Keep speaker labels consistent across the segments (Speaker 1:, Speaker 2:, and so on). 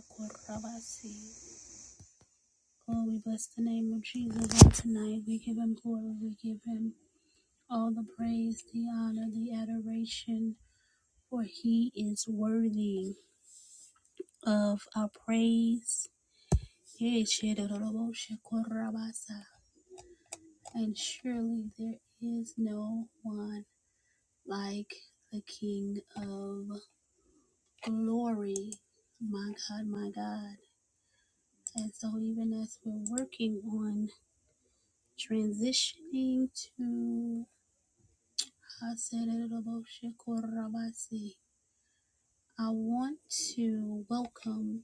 Speaker 1: Korabasi. Oh, we bless the name of Jesus on tonight. We give him glory. We give him all the praise, the honor, the adoration, for he is worthy of our praise. Yea, And surely there is no one like the King of glory. My God, my God. And so, even as we're working on transitioning to Asereroboshekorabasi. I want to welcome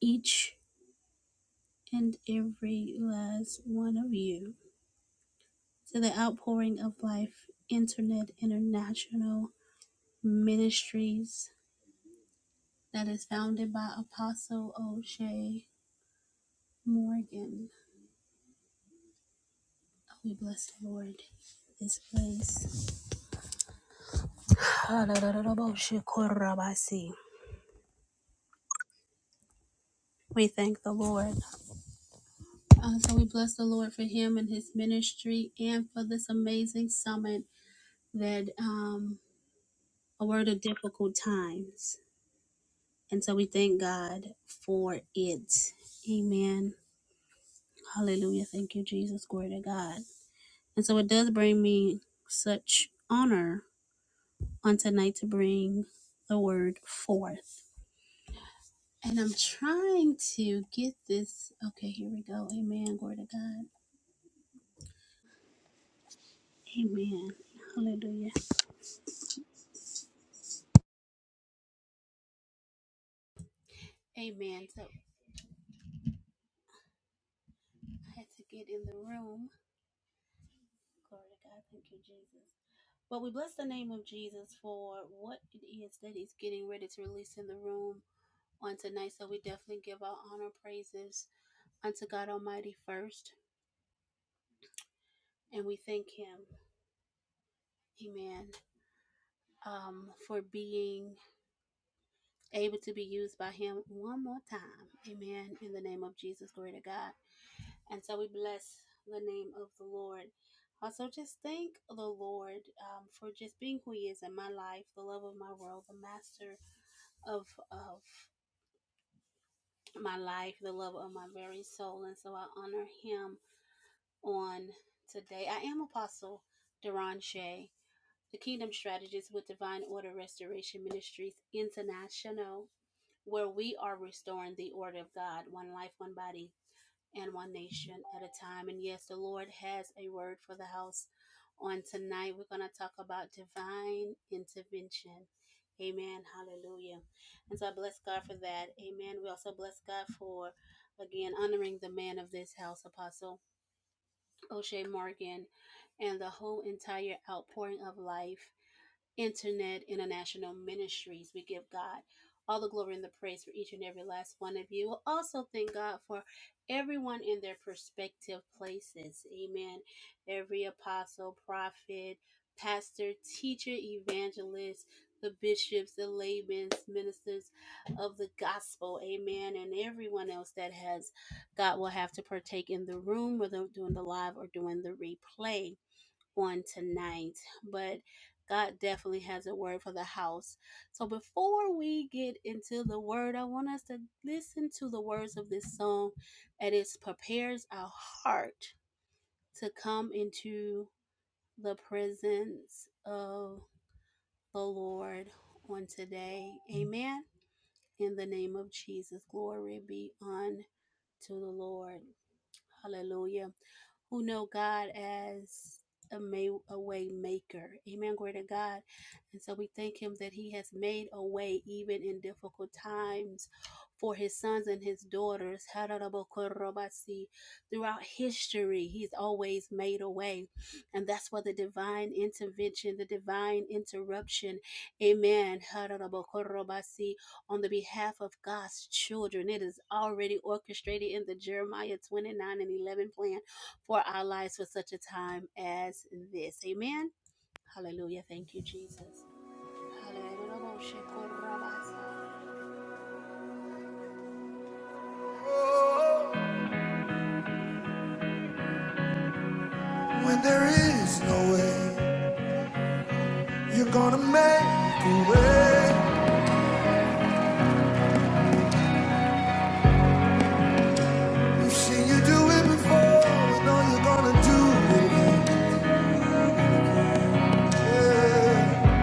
Speaker 1: each and every last one of you to the outpouring of life Internet International Ministries that is founded by Apostle O'Shea Morgan. We bless the Lord this place. Asereroboshekorabasi. We thank the Lord. Uh, so we bless the Lord for him and his ministry and for this amazing summit that um, a word of difficult times. And so we thank God for it. Amen. Hallelujah. Thank you, Jesus. Glory to God. And so it does bring me such honor on tonight to bring the word forth. And I'm trying to get this. Okay, here we go. Amen. Glory to God. Amen. Hallelujah.
Speaker 2: When there is no way, you're gonna make a way. We've seen you do it before, we know you're gonna do it again.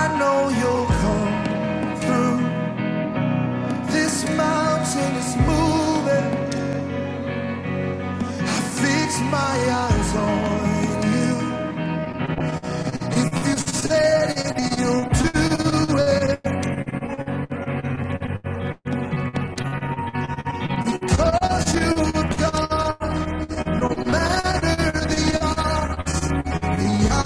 Speaker 2: I know you'll come through. This mountain is moving. I fix my eyes on you. If you said it, you'll do it. 'Cause you you've done no matter the odds. It's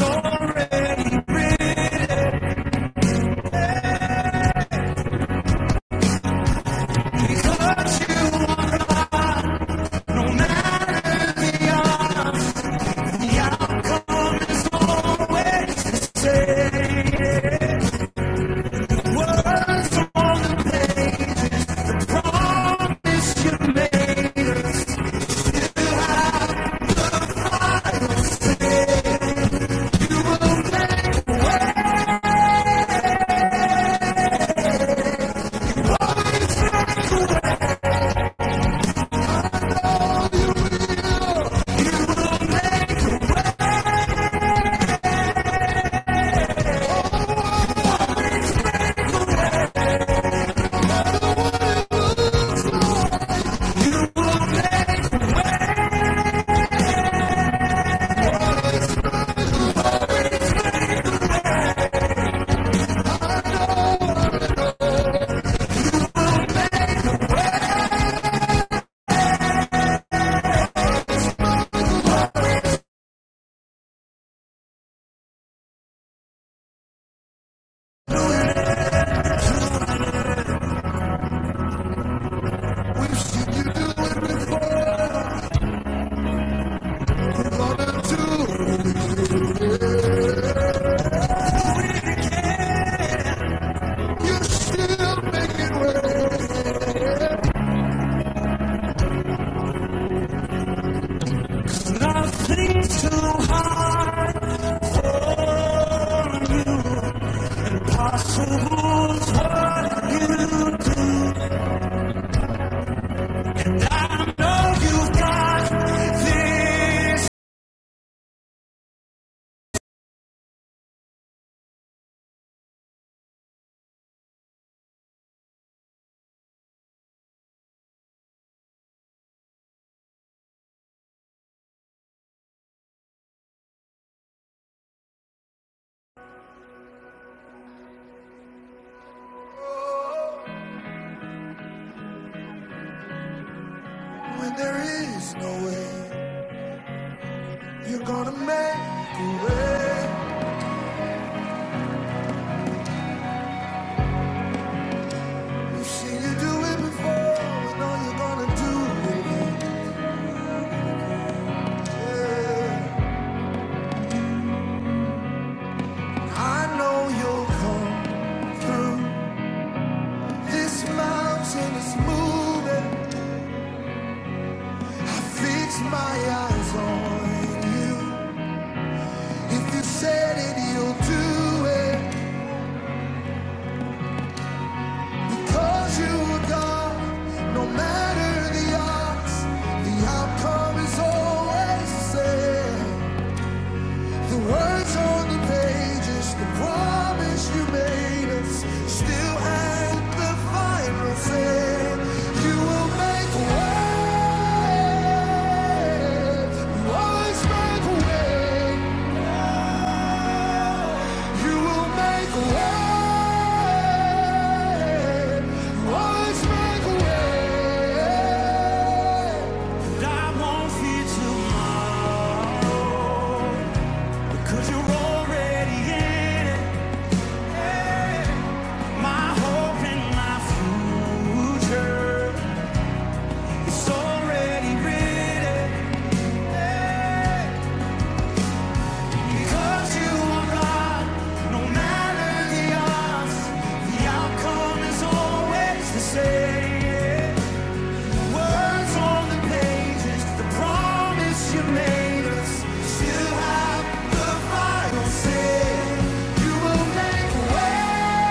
Speaker 2: Already written because you are alive. When there is no way, you're gonna make a way. We've seen you do it before, we know you're gonna do it again. I know you'll come through. This mountain is moving. I fix my eyes on you. If you said it, you'll do it. Because you are God, no matter the odds, the outcome is always the same. The words on the pages, the promise you made us, still at the final say. You will make a way. You always make a way. You will make a way. You always make a way. And I won't fear tomorrow. Cause you're already in it. My hope and my future. It's already written. Because you are God, no matter the odds, the outcome is always the same. words on the pages, the promise you made us. Still have the final say. You will make a way.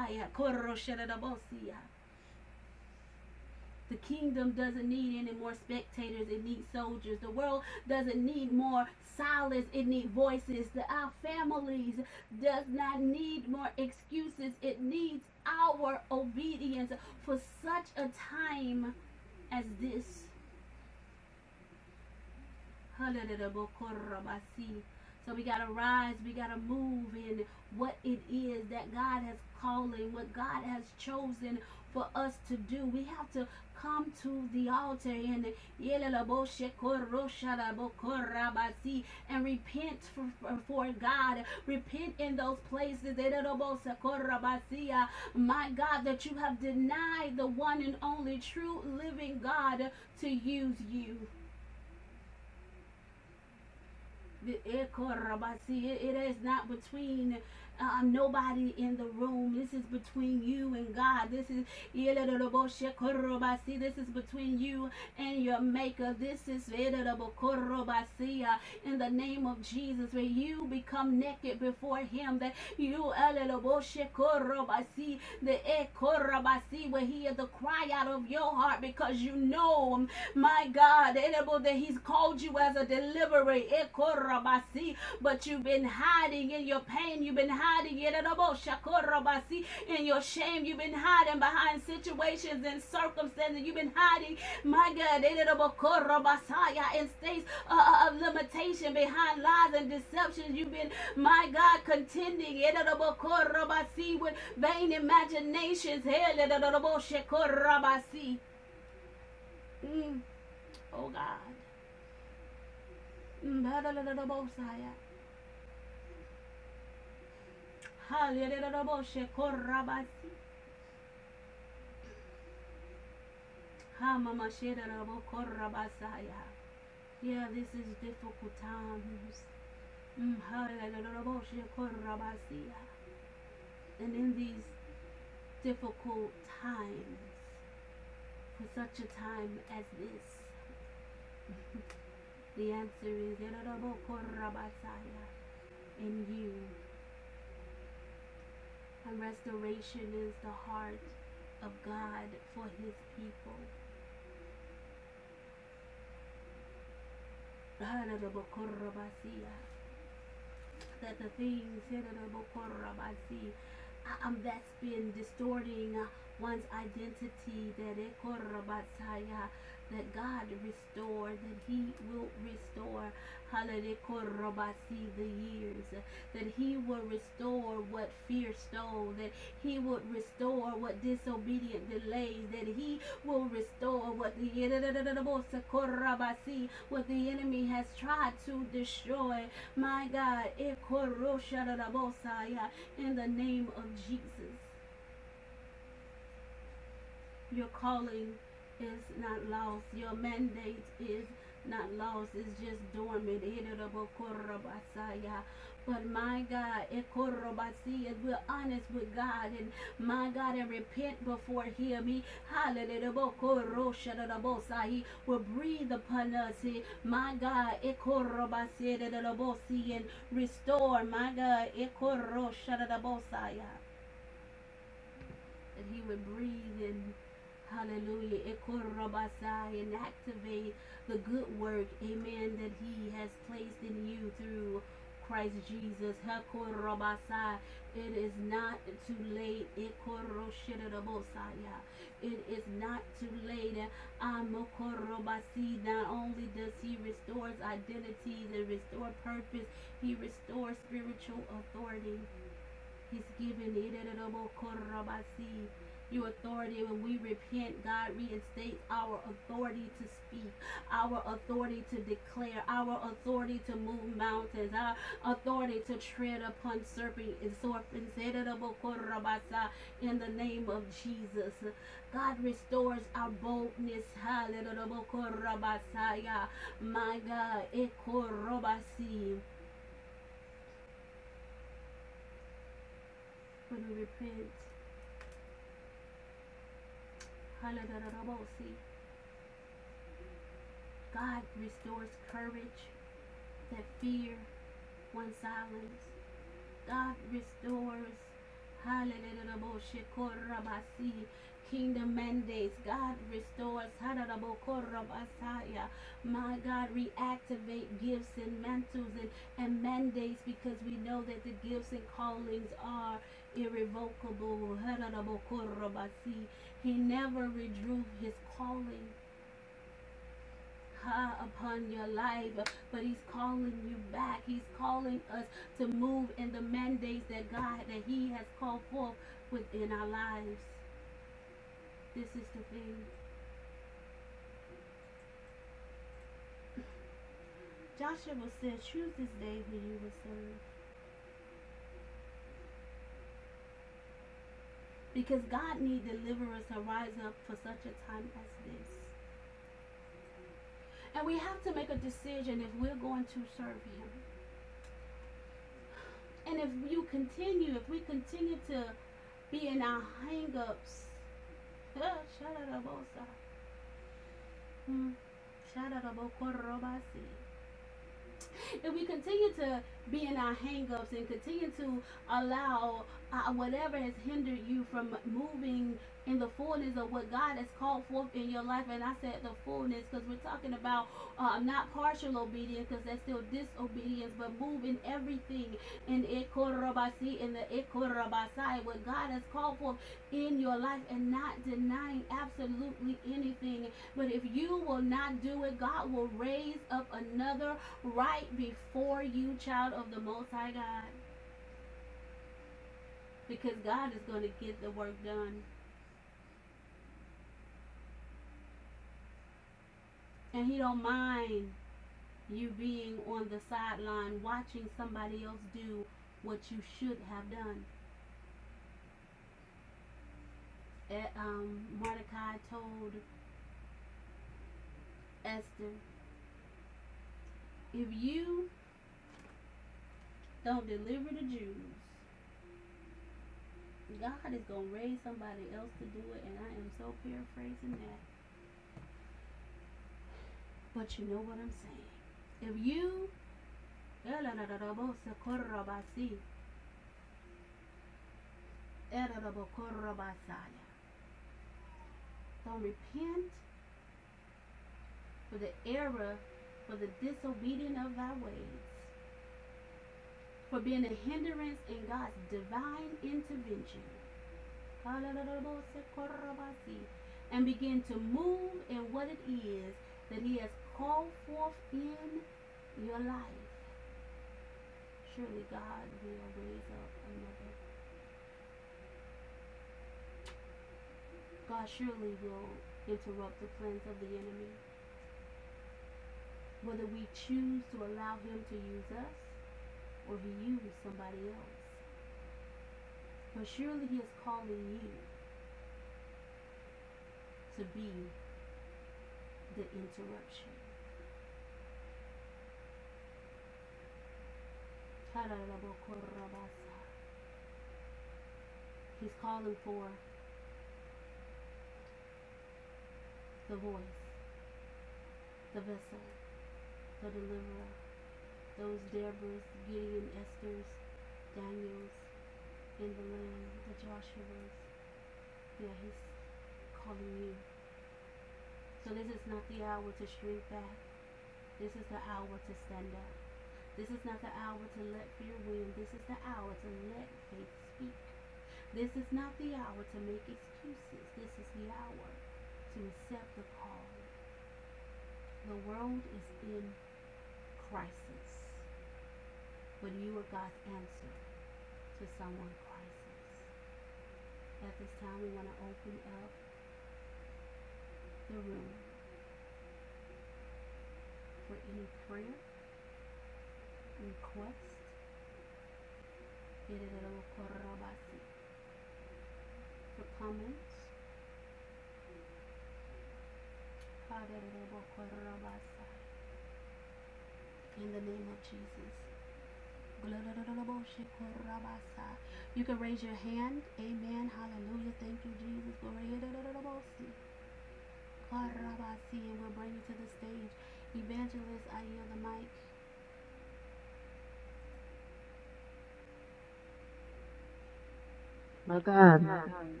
Speaker 3: My God, my God.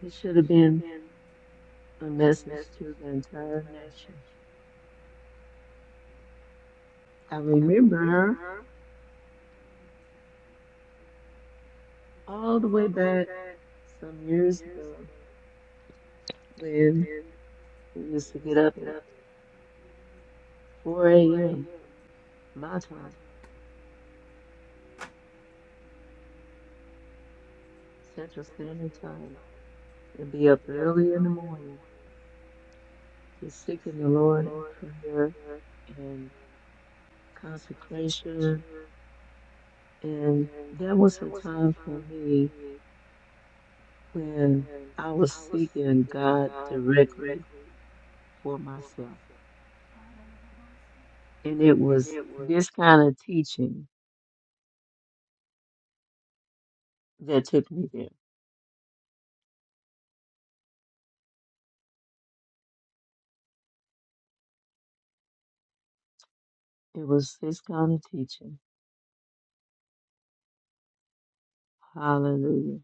Speaker 3: This should have been a message to the entire nation. I remember her all the way back some years ago when we used to get up at 4 a.m. my time, Central Standard Time, and be up early in the morning just seeking the Lord in prayer and consecration. And that was a time for me when I was seeking God directly for myself. and it was this kind of teaching that took me there. It was this kind of teaching, hallelujah,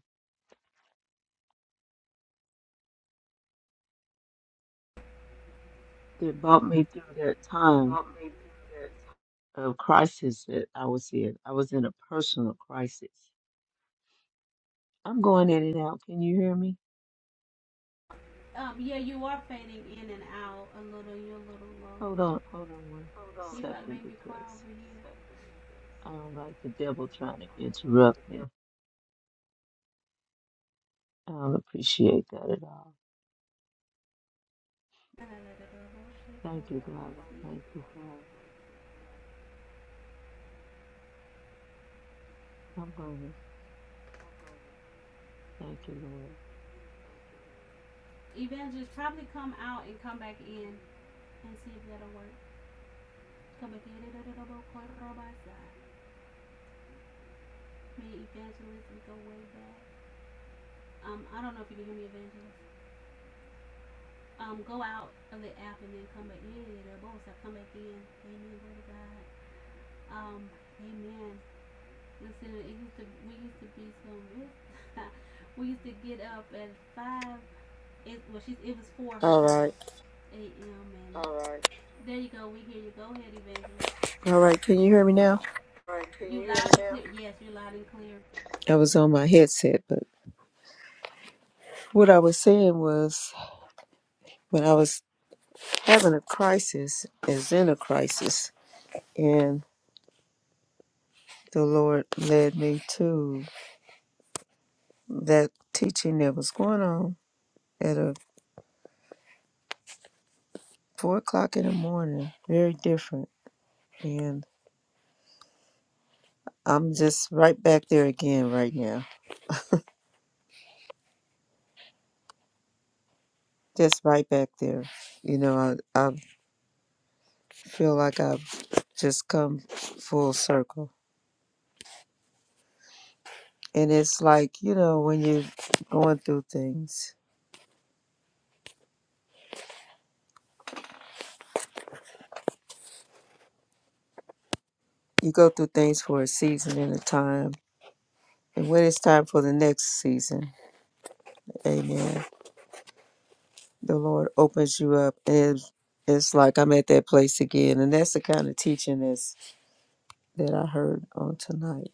Speaker 3: that brought me through that time of crisis that I was in. I was in a personal crisis. I'm going in and out. Can you hear me? Hold on, hold on one second because I don't like the devil trying to interrupt me. I don't appreciate that at all. Thank you, God. Thank you, God. I'm going to thank you, Lord. All right. All right. Can you hear me now? I was on my headset, but what I was saying was when I was having a crisis, as in a crisis, and the Lord led me to that teaching that was going on at a four o'clock in the morning, very different, and I'm just right back there again right now, just right back there. You know, I I feel like I've just come full circle, and it's like you know when you're going through things You go through things for a season and a time. And when it's time for the next season, amen, the Lord opens you up. And it's like I'm at that place again. And that's the kind of teaching that's, that I heard on tonight.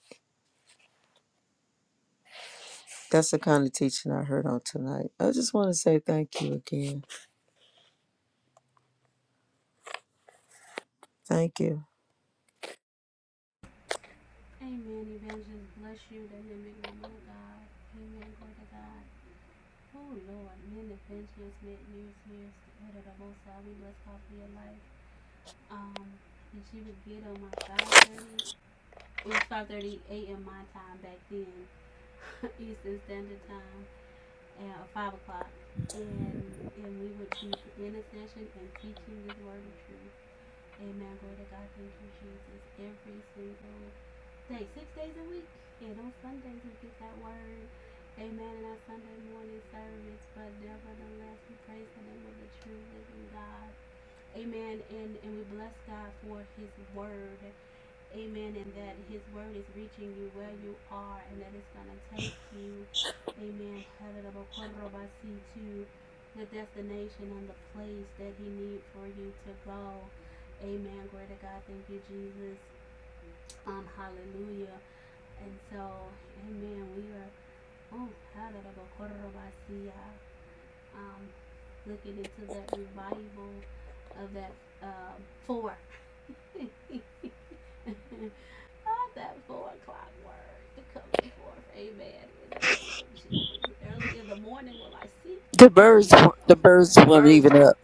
Speaker 3: That's the kind of teaching I heard on tonight. I just want to say thank you again. Thank you. The birds, the birds weren't even up.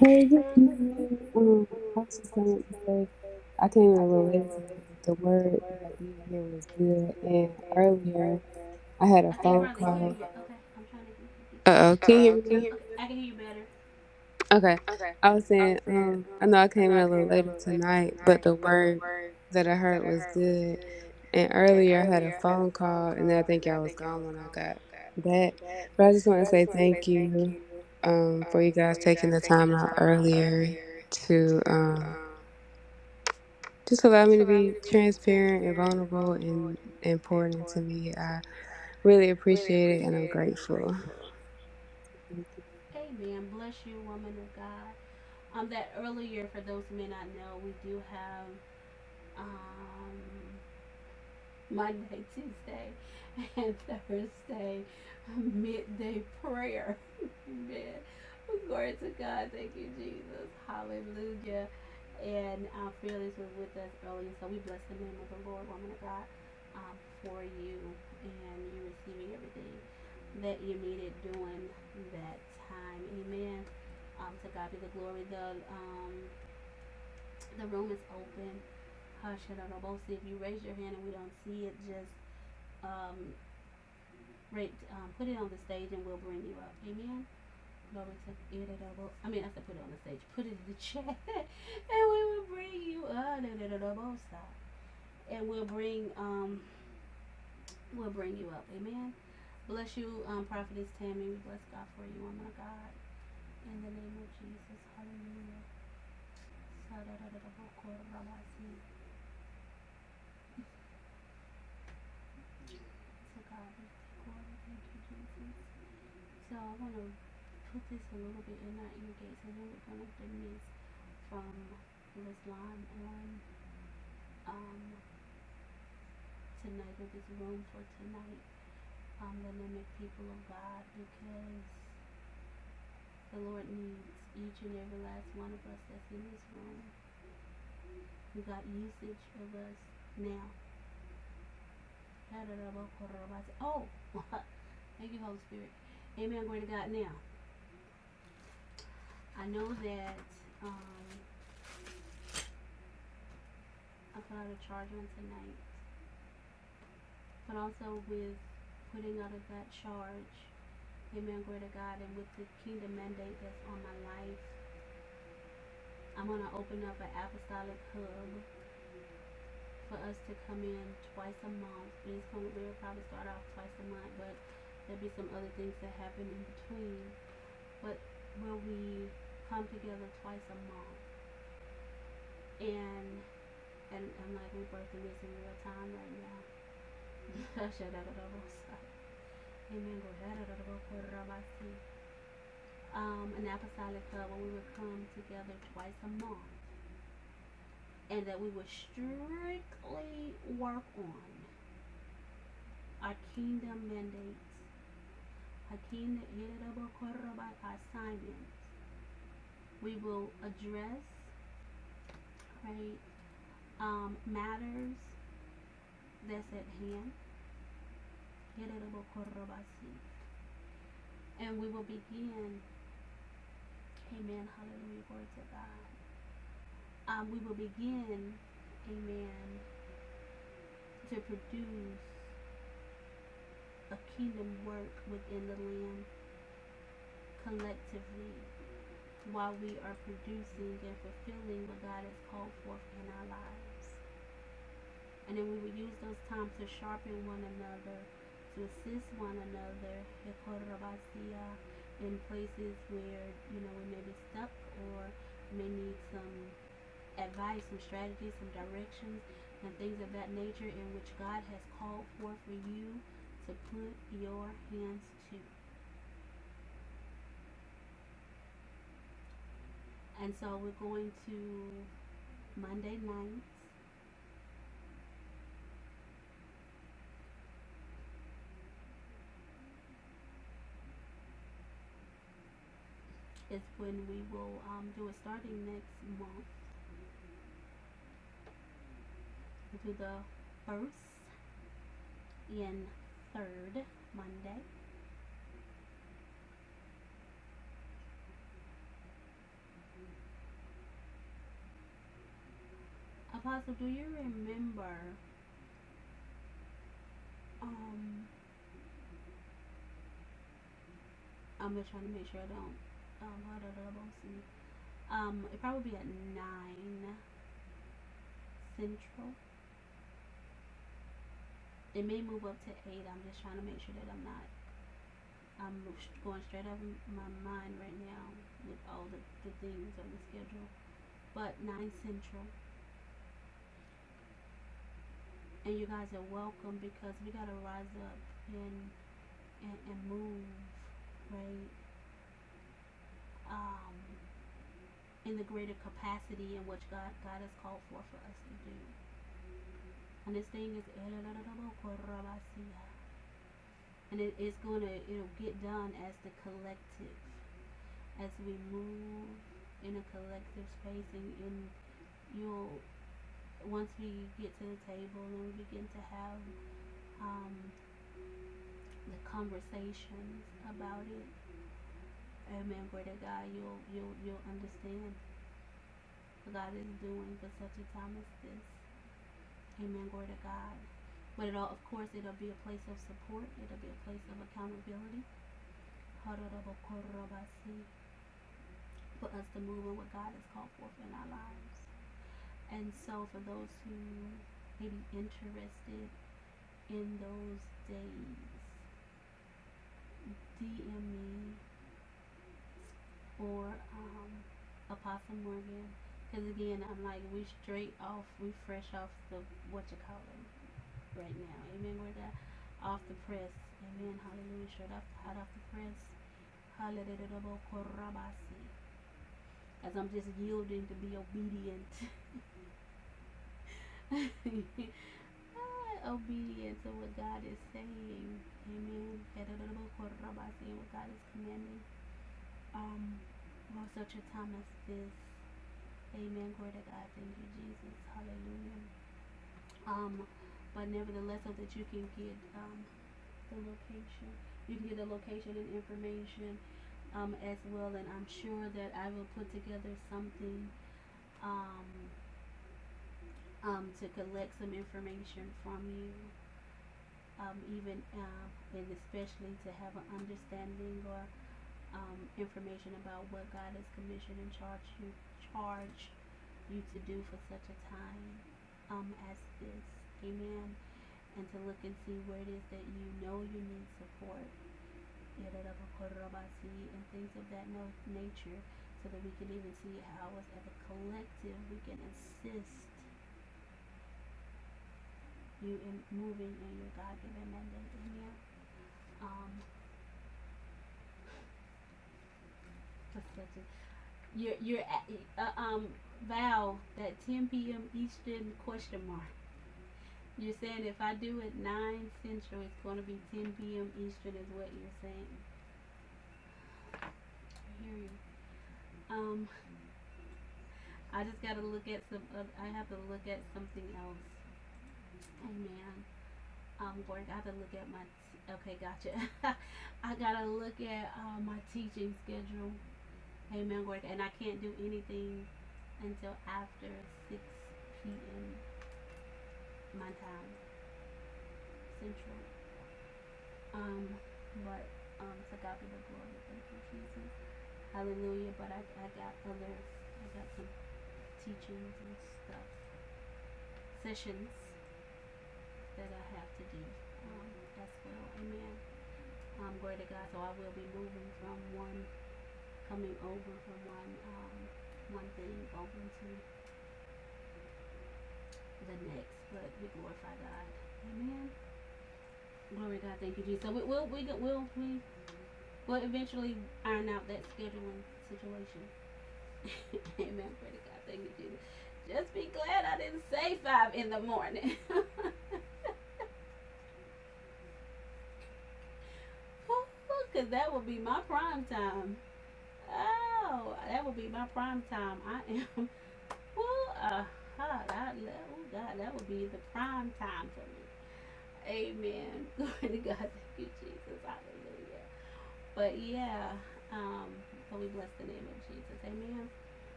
Speaker 4: Hey, good evening. Um, I was just coming to say I came in a little later tonight, but the word that I did hear was good. And earlier, I had a phone call. Uh oh, can you hear me now? Okay. I was saying, um, I know I came in a little later tonight, but the word that I heard was good. And earlier, I had a phone call, and then I think y'all was gone when I got back. But I just want to say thank you, um, for you guys taking the time out earlier to, um Just allow me to be transparent and vulnerable and important into me. I really appreciate it and I'm grateful. Thank you.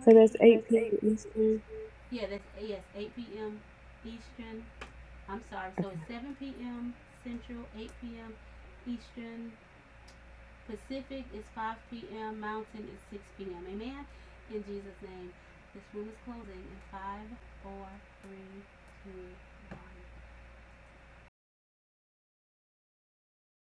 Speaker 4: So that's 8 p.m. Eastern.